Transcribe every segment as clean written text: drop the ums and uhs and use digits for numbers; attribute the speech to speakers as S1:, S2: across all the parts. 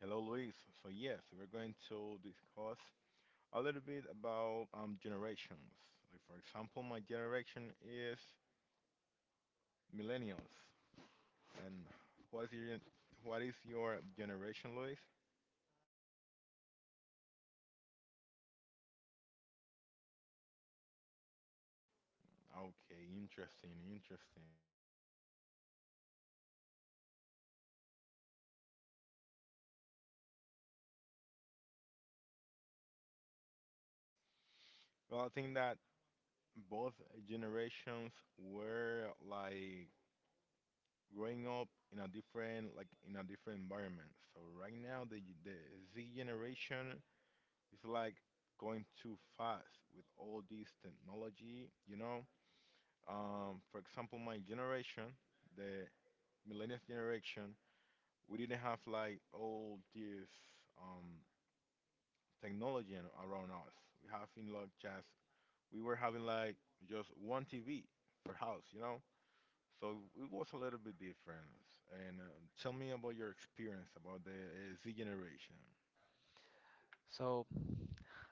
S1: Hello, Luis. So yes, we're going to discuss a little bit about generations. Like, for example, my generation is millennials, and what is your what is your generation, Luis? Okay, interesting, interesting. Well, I think that both generations were like growing up in a different in a different environment. So right now, the Z generation it's like going too fast with all this technology, you know? For example, my generation, the millennial generation, we didn't have like all this um, around us. We having like just, we were having like just one TV per house, you know? So it was a little bit different. And tell me about your experience about the Z generation.
S2: So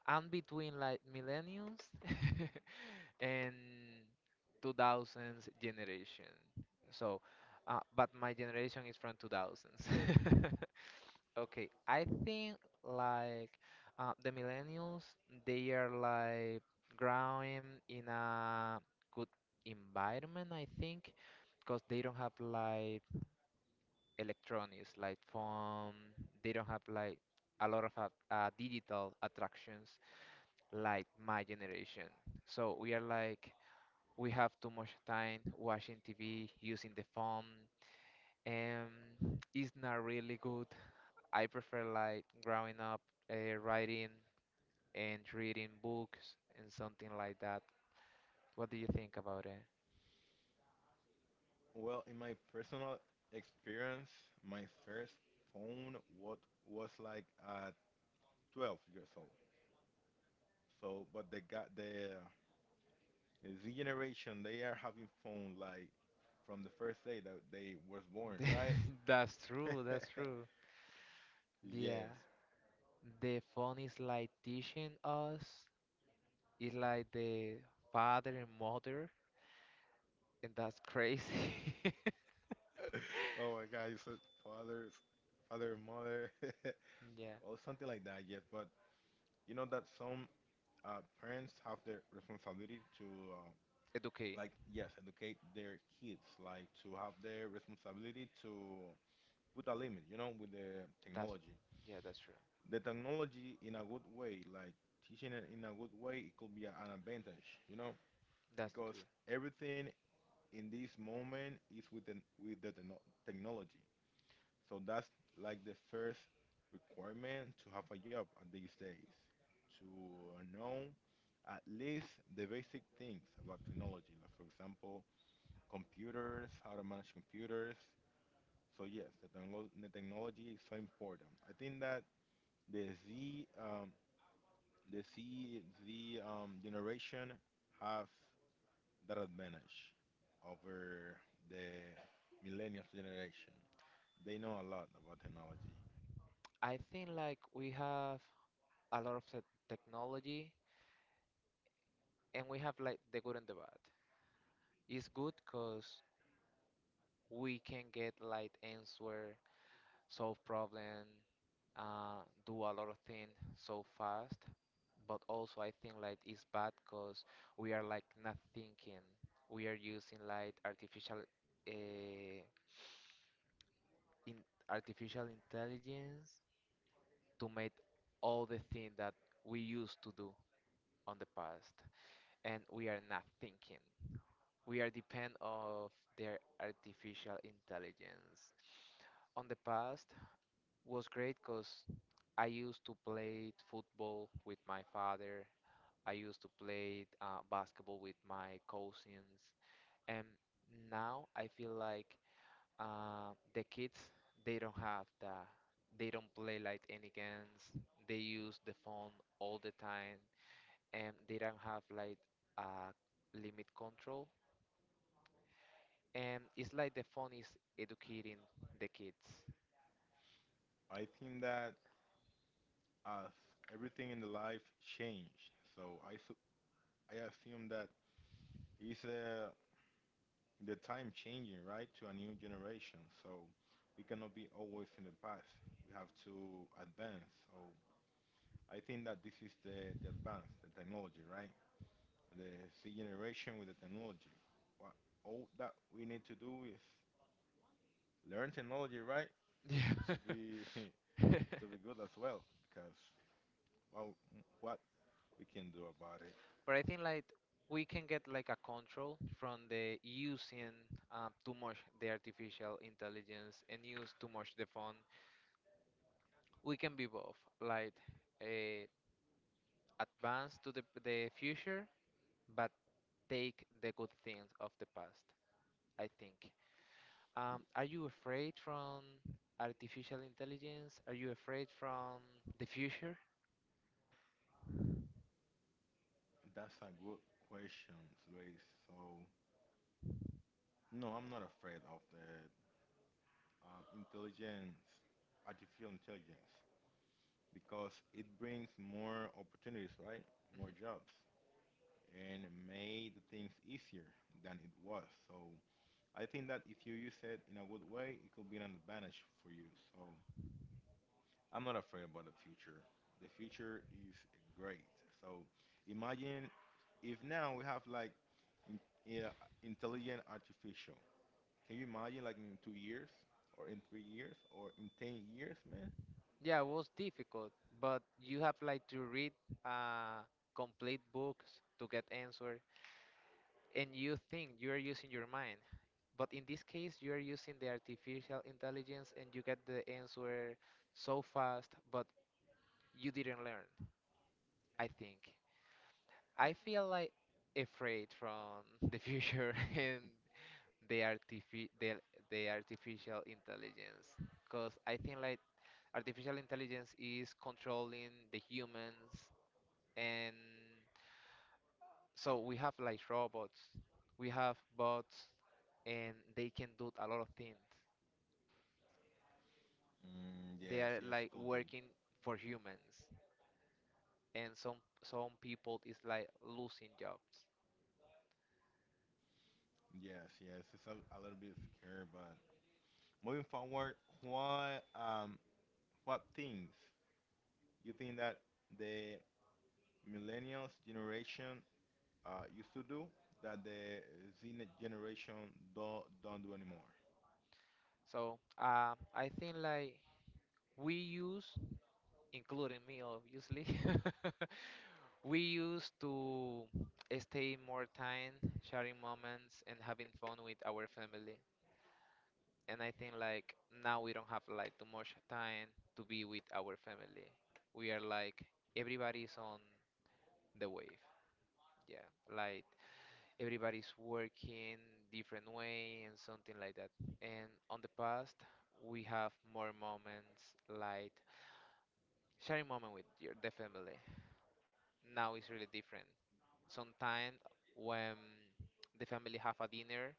S2: I'm between like millennials and 2000s generation. So, but my generation is from 2000s. Okay, I think like the millennials, they are like growing in a good environment, I think, because they don't have like electronics, like phone, they don't have like a lot of digital attractions like my generation. So we are like we have too much time watching TV, using the phone, and it's not really good. I prefer like growing up, writing and reading books and something like that. What do you think about it?
S1: Well, in my personal experience, my first phone what was like 12 years old. So, but the Z generation, they are having phone like from the first day that they was born, right?
S2: That's true. That's true. Yeah,
S1: Yes.
S2: the phone is like teaching us. It's like the father and mother, and that's crazy.
S1: Oh my God, you said fathers, father, and mother,
S2: Yeah,
S1: well, something like that. Yes, but you know that some parents have the responsibility to uh,
S2: educate.
S1: like yes educate their kids, like to have their responsibility to put a limit, you know, with the
S2: That's,
S1: technology.
S2: yeah, that's true.
S1: The technology in a good way, like teaching it in a good way, it could be an advantage, you know,
S2: That's
S1: because
S2: true.
S1: everything in this moment is with the technology, so that's like the first requirement to have a job at these days, to know at least the basic things about technology, like for example computers, how to manage computers. So yes, the technology is so important. I think that the Z, um, the Z generation have that advantage over the millennials generation. They know a lot about technology.
S2: I think like we have a lot of the technology and we have like the good and the bad. It's good because we can get like answer, solve problem, do a lot of things so fast. But also I think like it's bad because we are like not thinking. We are using like uh, in artificial intelligence to make all the things that we used to do on the past, and we are not thinking, we are depend of their artificial intelligence. On the past was great because I used to play football with my father, I used to play basketball with my cousins, and now I feel like the kids, they don't have they don't play like any games, they use the phone all the time, and they don't have like a limit control, and it's like the phone is educating the kids.
S1: I think that as everything in the life changed, so I assume that it's a the time changing, right, to a new generation. So we cannot be always in the past. We have to advance. So I think that this is the advance, the technology, right? The C generation with the technology. What all that we need to do is learn technology, right? To
S2: Yeah.
S1: be to be good as well, because well, what we can do about it?
S2: But I think like we can get like a control from the using too much the artificial intelligence and use too much the phone. We can be both like uh, advance to the future, but take the good things of the past, I think.
S1: Y-
S2: Are you afraid from artificial intelligence? Are you afraid from the future?
S1: That's a good question, Luis. So no, I'm not afraid of the um, intelligence, artificial intelligence, because it brings more opportunities, right? More
S2: Hmm.
S1: jobs and made things easier than it was. So I think that if you use it in a good way, it could be an advantage for you. So I'm not afraid about the future. The future is great. So imagine if now we have like in, yeah, intelligent artificial. Can you imagine like in 2 years or in 3 years or in 10 years, man?
S2: Yeah, it was difficult, but you have like to read uh, complete books to get answer, and you think you are using your mind. But in this case, you are using the artificial intelligence and you get the answer so fast, but you didn't learn, I think. I
S1: Eh,
S2: feel like afraid from the future and the artifi the, the artificial intelligence, because I think like artificial intelligence is controlling the humans, and so we have like robots, we have bots, and they can do a lot of things.
S1: Mm,
S2: They
S1: yes,
S2: are
S1: yes, it
S2: like
S1: could be.
S2: working for humans, and some people is like losing jobs.
S1: Yes, yes, it's a little bit scary, but moving forward, what um what things you think that the millennials generation used to do that the Z generation don't do anymore?
S2: So I think like we use, including me obviously, we used to stay more time sharing moments and having fun with our family. And I think like now we don't have like too much time to be with our family. We are like everybody's on the wave. Yeah, like everybody's working different way and something like that. And on the past we have more moments like sharing moment with your the family. Now it's really different. Sometimes when the family have a dinner,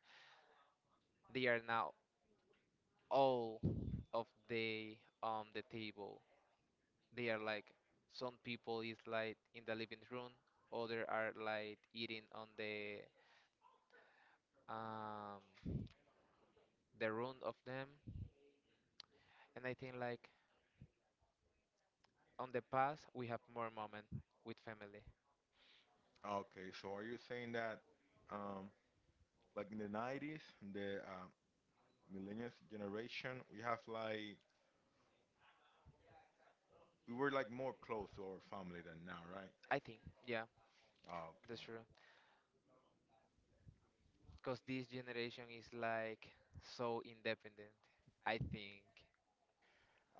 S2: they are now all of the on the table. They are like some people is like in the living room, other are like eating on um the room of them. And I think like on the past we have more moment with family.
S1: Okay, so are you saying that um like in the 90s, the millennials generation, we have like we were like more close to our family than now, right?
S2: I think, yeah,
S1: Ah,
S2: that's
S1: okay.
S2: true. Cause this generation is like so independent. I think.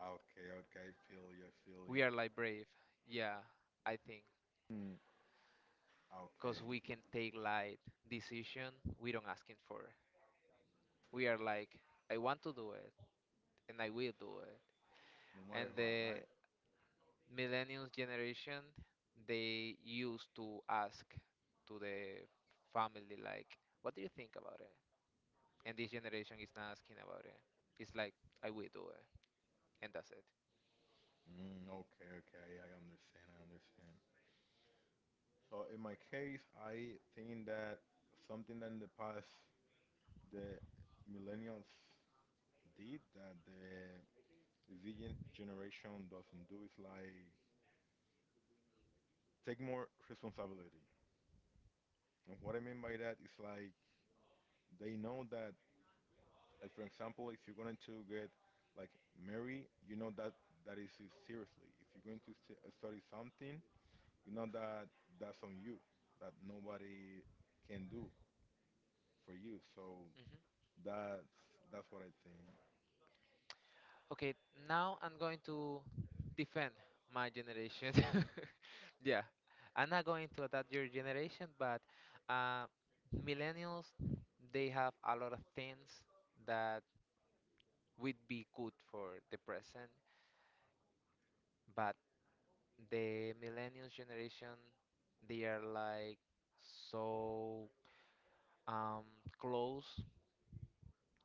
S1: Okay, okay, I feel you, I feel you.
S2: We are like brave. Yeah, I think.
S1: Mm, okay,
S2: Because we can take like decision, we don't asking for. We are like, I want to do it and I will do it.
S1: no matter
S2: And
S1: what. Yeah,
S2: the
S1: right?
S2: millennials generation, they used to ask to the family like, what do you think about it? And this generation is not asking about it. It's like, I will do it. And that's it.
S1: Mm, okay, okay, I understand, I understand. So in my case, I think that something that in the past the millennials did that the Z generation doesn't do is like take more responsibility. And what I mean by that is like they know that, like for example, if you're going to get like married, you know that that is it seriously. If you're going to study something, you know that that's on you, that nobody can do for you. So that's that's what I think.
S2: Okay, now I'm going to defend my generation. Yeah, I'm not going to attack your generation, but uh, millennials, they have a lot of things that would be good for the present, but the millennials generation, they are like so um, close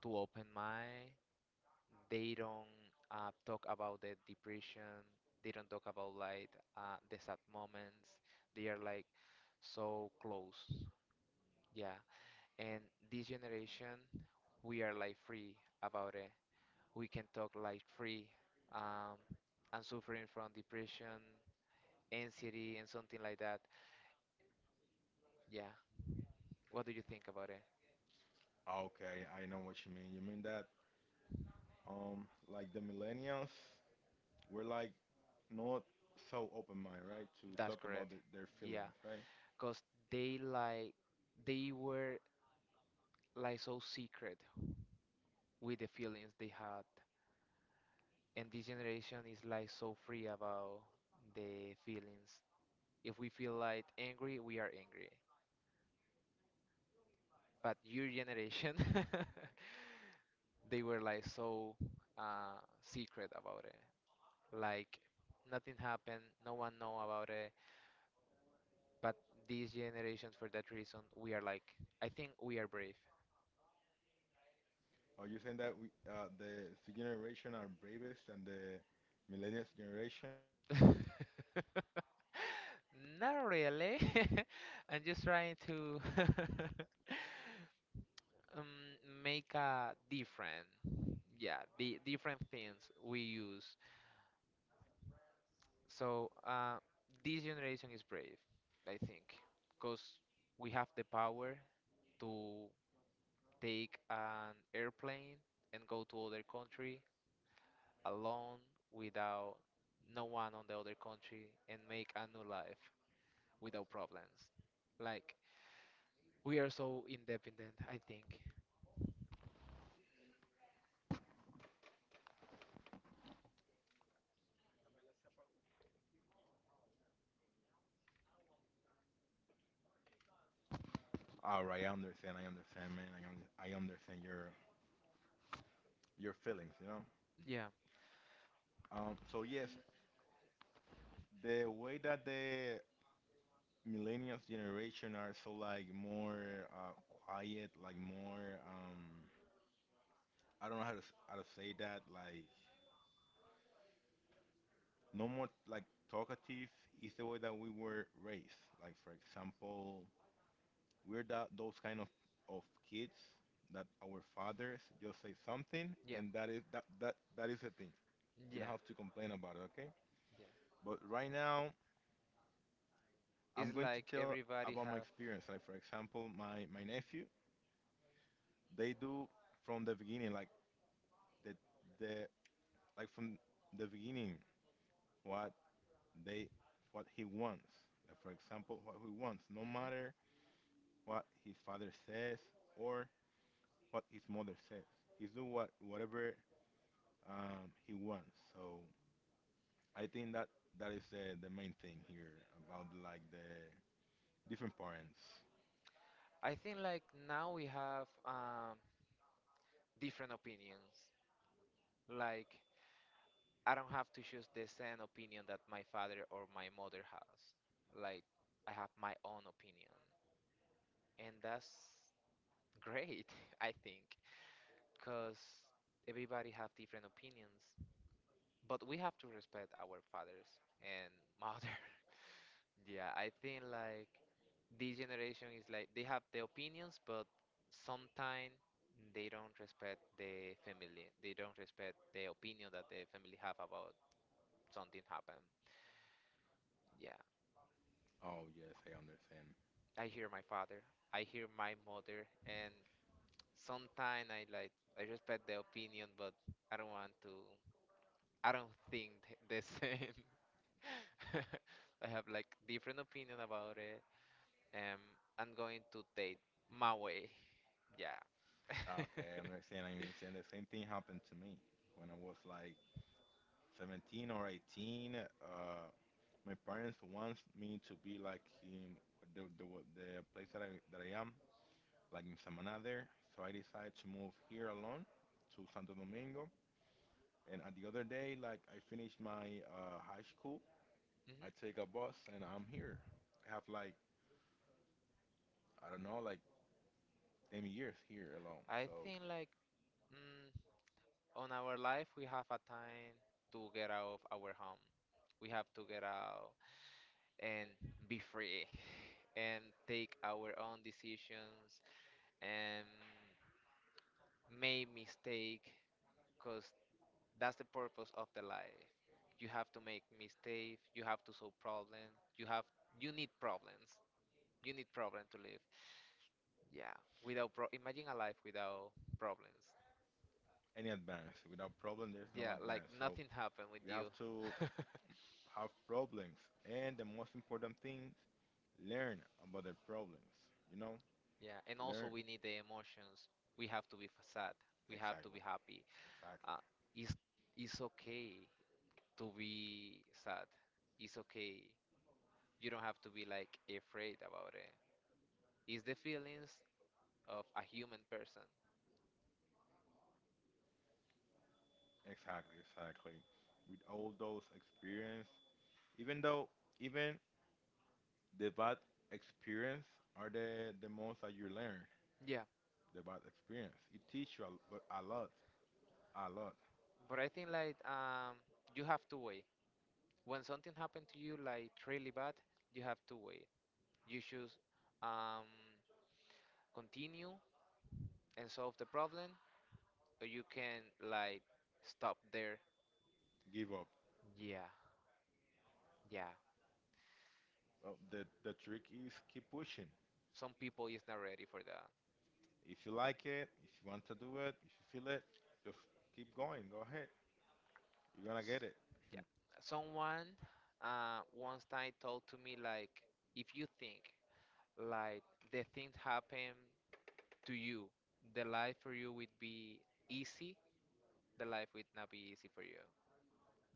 S2: to open mind. They don't talk about the depression. They don't talk about like the sad moments. They are like so close. Yeah, and this generation, we are like free about it. We can talk like free. Um, I'm suffering from depression, anxiety, and something like that. Yeah, what do you think about it?
S1: Ah, okay, I know what you mean. You mean that like the millennials were like not so open-minded, right, to
S2: That's
S1: talk about
S2: correct.
S1: their
S2: Yeah,
S1: feelings, right?
S2: because they like they were like so secret with the feelings they had, and this generation is like so free about the feelings. If we feel like angry, we are angry. But your generation, they were like so secret about it, like nothing happened, no one know about it. But these generations, for that reason, we are like, I think we are brave.
S1: Are you saying that we the generation are bravest and the millennials generation?
S2: Not really. I'm just trying to um, make a different, yeah, the different things we use. So this generation is brave, I think, because we have the power to take an airplane and go to other country alone, without no one on the other country, and make a new life without problems. Like we are so independent, I think.
S1: All right, I understand. I understand, man. I understand your feelings. You know.
S2: Yeah,
S1: So yes, the way that the millennials generation are so like more quiet, like more. I don't know how to say that. Like no more like talkative is the way that we were raised. Like for example, we're that those kind of of kids that our fathers just say something
S2: yeah,
S1: and that is that is the thing. You
S2: yeah,
S1: don't have to complain about it. Okay?
S2: yeah.
S1: But right now, I'm
S2: It's
S1: going to
S2: like
S1: tell
S2: everybody
S1: about my
S2: have.
S1: experience. Like for example, my nephew, they do from the beginning, like the the like from the beginning what they what he wants. Like for example, what he wants, no
S2: Mhm.
S1: matter what his father says or what his mother says, he's do whatever he wants. So I think that that is the main thing here about like the different parents.
S2: I think like now we have different opinions. Like I don't have to choose the same opinion that my father or my mother has. Like I have my own opinion, and that's great. I think, because everybody have different opinions. But we have to respect our fathers and mother. Yeah, I think like this generation is like they have the opinions, but sometimes they don't respect the family. They don't respect the opinion that the family have about something happen. Yeah,
S1: Oh yes, I understand.
S2: I hear my father, I hear my mother, and sometimes I like I respect the opinion, but I don't want to. I don't think the same. I have like different opinion about it. Um, I'm going to date my way. Yeah.
S1: Ah,
S2: Hmm.
S1: okay, I understand. I understand. The same thing happened to me when I was like 17 or 18. My parents wants me to be like in the place that that I am, like in Samaná there. So I decided to move here alone to Santo Domingo. And at the other day, like I finished my high school, I take a bus and I'm here. I have like, I don't know, like 10 years here alone.
S2: I
S1: So
S2: think like mm, on our life we have a time to get out of our home. We have to get out and be free and take our own decisions and make mistake, because that's the purpose of the life. You have to make mistakes, you have to solve problems, you have you need problems. You need problem to live. Yeah, without pro imagine a life without problems.
S1: any advance. Without problem, there's no
S2: Yeah, like
S1: advance. So
S2: nothing happened with
S1: we have
S2: you.
S1: to have problems, and the most important thing, learn about the problems. You know,
S2: Yeah, and also
S1: learn.
S2: we need the emotions. We have to be sad. We have to be
S1: Exactly,
S2: happy.
S1: exactly,
S2: Uh, it's it's okay to be sad. It's okay. You don't have to be like afraid about it. It's the feelings of a human person.
S1: exactly, exactly. With all those experience, even though even the bad experience are the most that you learn.
S2: Yeah,
S1: The bad experience it teach you a, but a lot, a lot.
S2: but I think like you have to wait. When something happened to you like really bad, you have to wait. You should um, continue and solve the problem, or you can like stop there.
S1: Give up.
S2: Yeah, yeah.
S1: Well, the trick is keep pushing.
S2: Some people is not ready for that.
S1: If you like it, if you want to do it, if you feel it, just keep going. Go ahead. You're gonna get it.
S2: Yeah. Someone once time told to me like, if you think like the things happen to you, the life for you would be easy. The life would not be easy for you.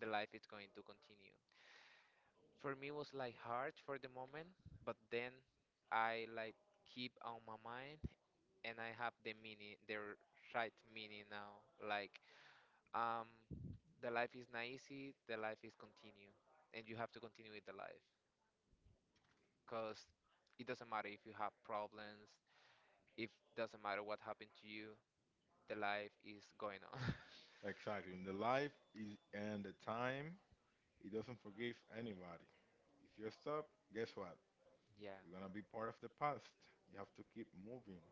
S2: The life is going to continue. For me it was like hard for the moment, but then I like keep on my mind, and I have the meaning, the right meaning now. Like um, the life is not easy, the life is continue, and you have to continue with the life, cause it doesn't matter if you have problems, if doesn't matter what happened to you, the life is going on.
S1: Exactly. In the life is and the time, it doesn't forgive anybody. If you stop, guess what?
S2: Yeah.
S1: You're gonna be part of the past. You have to keep moving.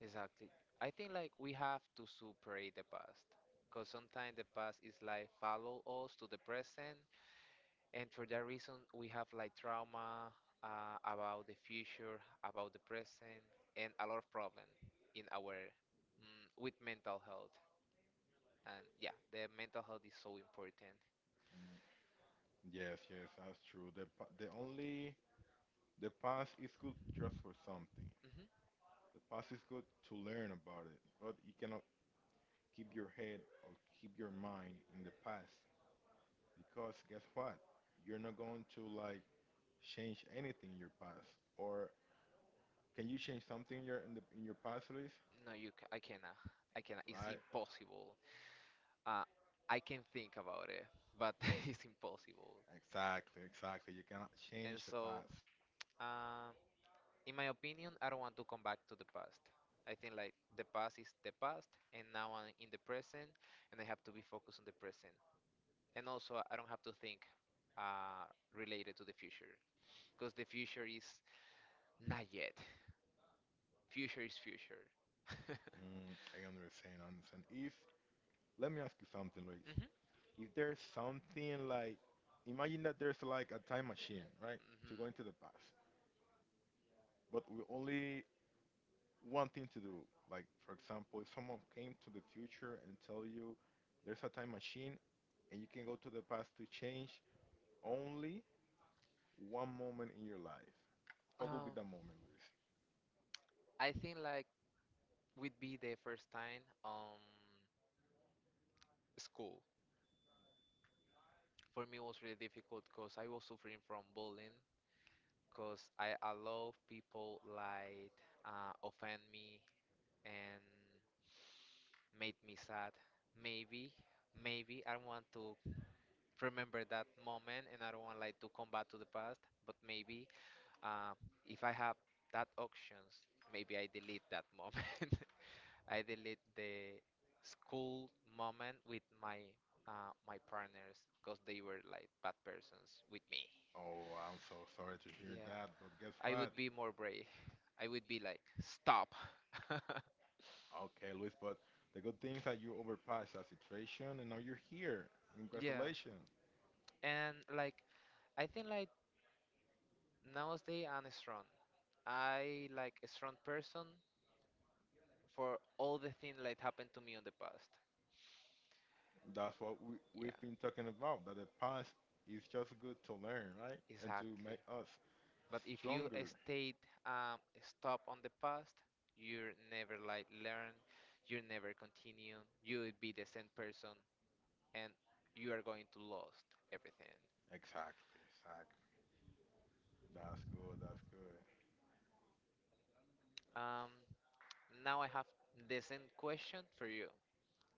S2: Exactly. I think like we have to superate the past, because sometimes the past is like follow us to the present, and for that reason we have like trauma about the future, about the present, and a lot of problem in our with mental health. And yeah, the mental health is so important.
S1: Mm. Yes, yes, that's true. The only the past is good just for something.
S2: Hmm.
S1: The past is good to learn about it, but you cannot keep your head or keep your mind in the past, because guess what? You're not going to like change anything in your past. Or can you change something in your in the in your past, Luis?
S2: No, you I cannot. I cannot. It's
S1: Right?
S2: impossible. Uh, I can think about it, but it's impossible.
S1: Exactly, exactly. You cannot
S2: And
S1: change the
S2: so,
S1: past.
S2: uh, in my opinion, I don't want to come back to the past. I think like the past is the past, and now I'm in the present, and I have to be focused on the present. And also, I don't have to think uh, related to the future, because the future is not yet. Future is future. Hmm.
S1: Mm, I understand, I understand. If Let me ask you something, Luis.
S2: Hmm.
S1: If there's something like, imagine that there's like a time machine, right, to go into the past, but we only one thing to do. Like, for example, if someone came to the future and tell you there's a time machine and you can go to the past to change only one moment in your life, what would be
S2: Um,
S1: that moment, Luis?
S2: I think like would be the first time school. For me, it was really difficult because I was suffering from bullying, because I allow people like offend me and made me sad. Maybe, maybe I don't want to remember that moment and I don't want like to come back to the past. But maybe uh, if I have that options, maybe I delete that moment. I delete the school moment with my my partners because they were like bad persons with me.
S1: Oh, I'm so sorry to hear
S2: Yeah,
S1: that, but guess
S2: I
S1: what?
S2: would be more brave. I would be like, stop.
S1: Okay, Luis, but the good thing is that you overpassed that situation and now you're here.
S2: Yeah.
S1: Congratulations.
S2: And like, I think like nowadays I'm strong. I like a strong person for all the things that happened to me in the past.
S1: That's what
S2: Yeah,
S1: we've been talking about, that the past is just good to learn, right? And to
S2: exactly.
S1: make us
S2: But if you
S1: stronger.
S2: stayed um, stop on the past, you are never like learn, you never continue, you would be the same person, and you are going to lost everything.
S1: Exactly, exactly. That's good, that's good.
S2: Um, Now I have the same question for you.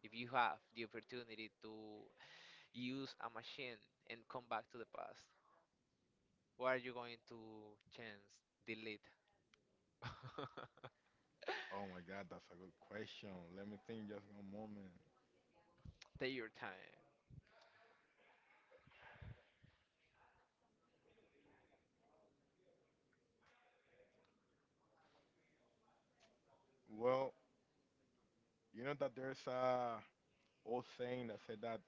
S2: If you have the opportunity to use a machine and come back to the past, what are you going to change, delete?
S1: Oh my God, that's a good question. Let me think just one moment.
S2: Take your time.
S1: Well, you know that there's a old saying that said that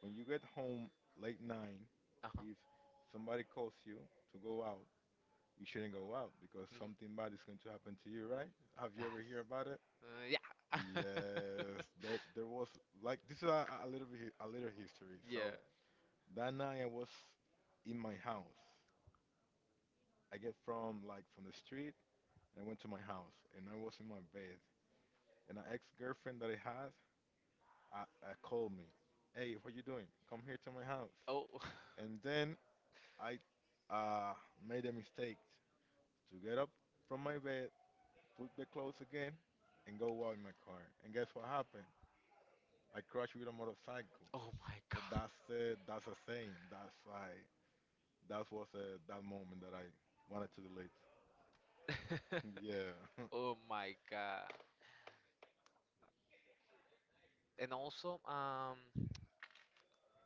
S1: when you get home late nine,
S2: Uh huh.
S1: if somebody calls you to go out, you shouldn't go out because something bad is
S2: Hmm.
S1: going to happen to you, right? Have you
S2: That's.
S1: ever heard about it?
S2: Yeah.
S1: Yes, that there was like this is a little bit a little history.
S2: Yeah.
S1: So that night I was in my house. I get from like from the street and I went to my house and I was in my bed and an ex-girlfriend that I had I, I called me, hey, what you doing? Come here to my house.
S2: Oh.
S1: And then I uh, made a mistake to get up from my bed, put the clothes again, and go walk in my car. And guess what happened? I crashed with a motorcycle.
S2: Oh my
S1: So
S2: god.
S1: that's a thing. That's why that moment that I wanted to delete. Yeah,
S2: Oh my god. And also,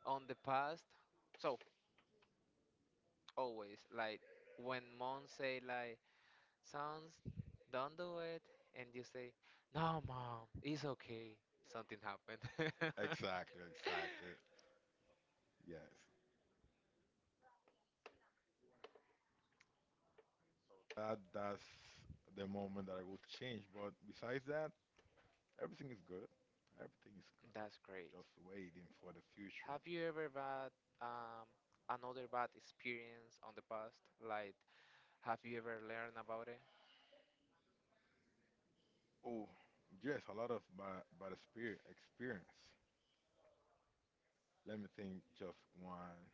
S2: on the past, so always like when mom say like sounds. Don't do it. And you say, no, mom, it's okay. Something happened.
S1: exactly, exactly. Yes, that that's the moment that I will change. But besides that, everything is good. Everything is good.
S2: That's great.
S1: Just waiting for the future.
S2: Have you ever had um, another bad experience on the past? Like, have you ever learned about it?
S1: Oh, yes, a lot of by the spirit experience. Let me think just one.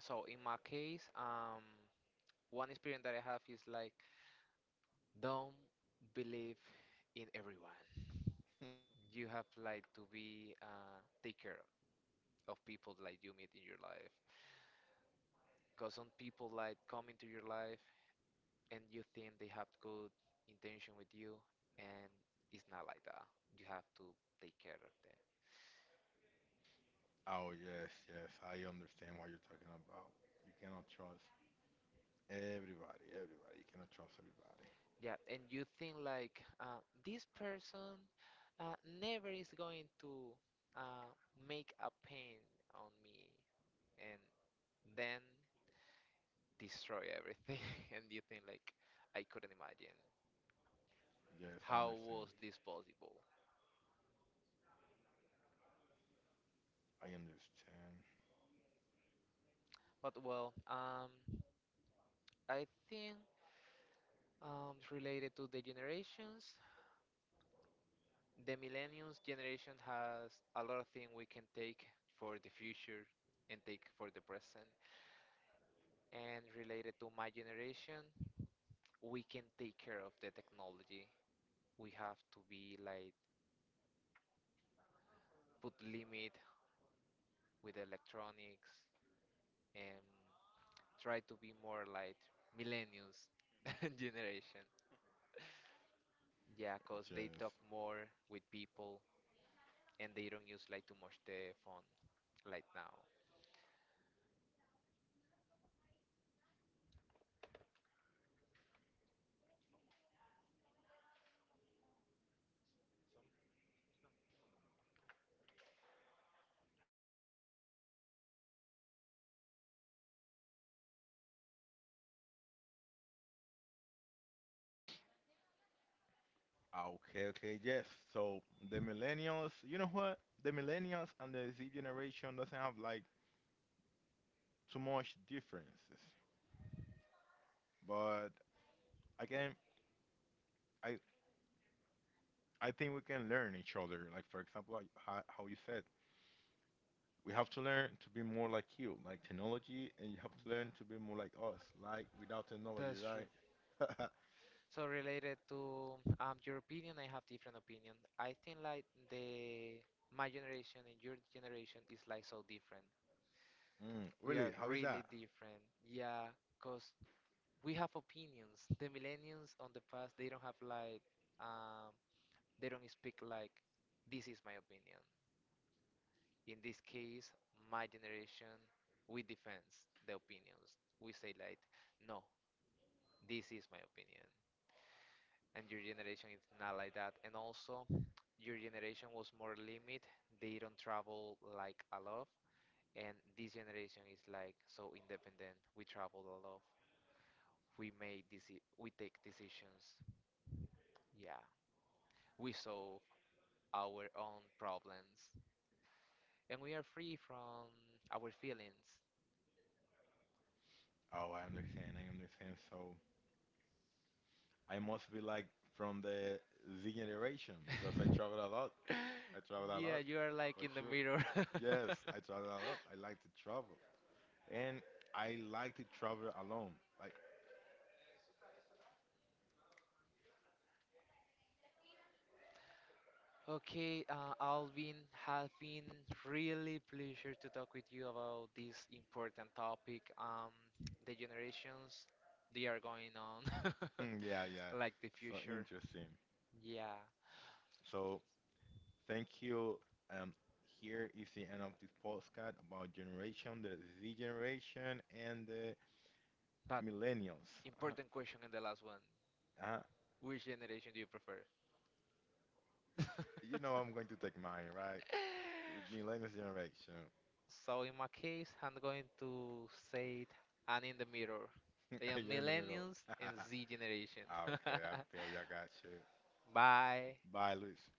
S2: So in my case, one experience that I have is like don't believe in everyone. You have like to be take care of people like you meet in your life. Because some people like come into your life and you think they have good intention with you and it's not like that, you have to take care of them.
S1: Oh yes, yes, I understand what you're talking about. You cannot trust everybody. You cannot trust everybody.
S2: Yeah, and you think like this person uh, never is going to uh, make a pain on me and then destroy everything and you think like I couldn't imagine
S1: Yes, I
S2: how
S1: understand.
S2: was this possible.
S1: I understand.
S2: But well, I think related to the generations, the millennials generation has a lot of things we can take for the future and take for the present. And related to my generation, we can take care of the technology. We have to be like put limit with electronics and try to be more like millennials generation. Yeah, cause
S1: Just
S2: they talk more with people and they don't use like too much the phone like now.
S1: okay, okay, yes. So the millennials, you know what? The millennials and the Z generation doesn't have like too much differences. But again, I I think we can learn each other. Like for example, like how you said, we have to learn to be more like you, like technology, and you have to
S2: Yeah,
S1: learn to be more like us, like without technology,
S2: that's.
S1: right?
S2: So related to your opinion, I have different opinion. I think like the my generation and your generation is like so different.
S1: Mm,
S2: We are
S1: really? How is that?
S2: really different. Yeah, cause we have opinions. The millennials on the past they don't have like um they don't speak like, this is my opinion. In this case, my generation we defends the opinions. We say like, no, this is my opinion. And your generation is not like that, and also your generation was more limit, they don't travel like a lot, and this generation is like so independent, we travel a lot, we we take decisions, yeah, we solve our own problems, and we are free from our feelings.
S1: Oh, I understand. I understand. So I must be like from the Z generation because I travel a lot. I travel a
S2: Yeah,
S1: lot,
S2: you are like
S1: for
S2: in the
S1: sure.
S2: mirror.
S1: Yes, I travel a lot. I like to travel, and I like to travel alone. Like,
S2: Okay, Alvin, has been really pleasure to talk with you about this important topic. The generations, they are going on,
S1: hmm, yeah, yeah.
S2: like the
S1: So
S2: future.
S1: interesting.
S2: Yeah,
S1: So thank you. Um, here is the end of this podcast about generation, the Z generation and the
S2: but
S1: millennials. Uh,
S2: important question and the last one.
S1: uh,
S2: Which generation do you prefer?
S1: you know I'm going to take mine, right? Millennials generation.
S2: So in my case, I'm going to say it, and in the mirror. They are
S1: You're in the middle.
S2: millennials
S1: Okay,
S2: and Z generation.
S1: I feel you. I got you.
S2: Bye.
S1: Bye, Luis.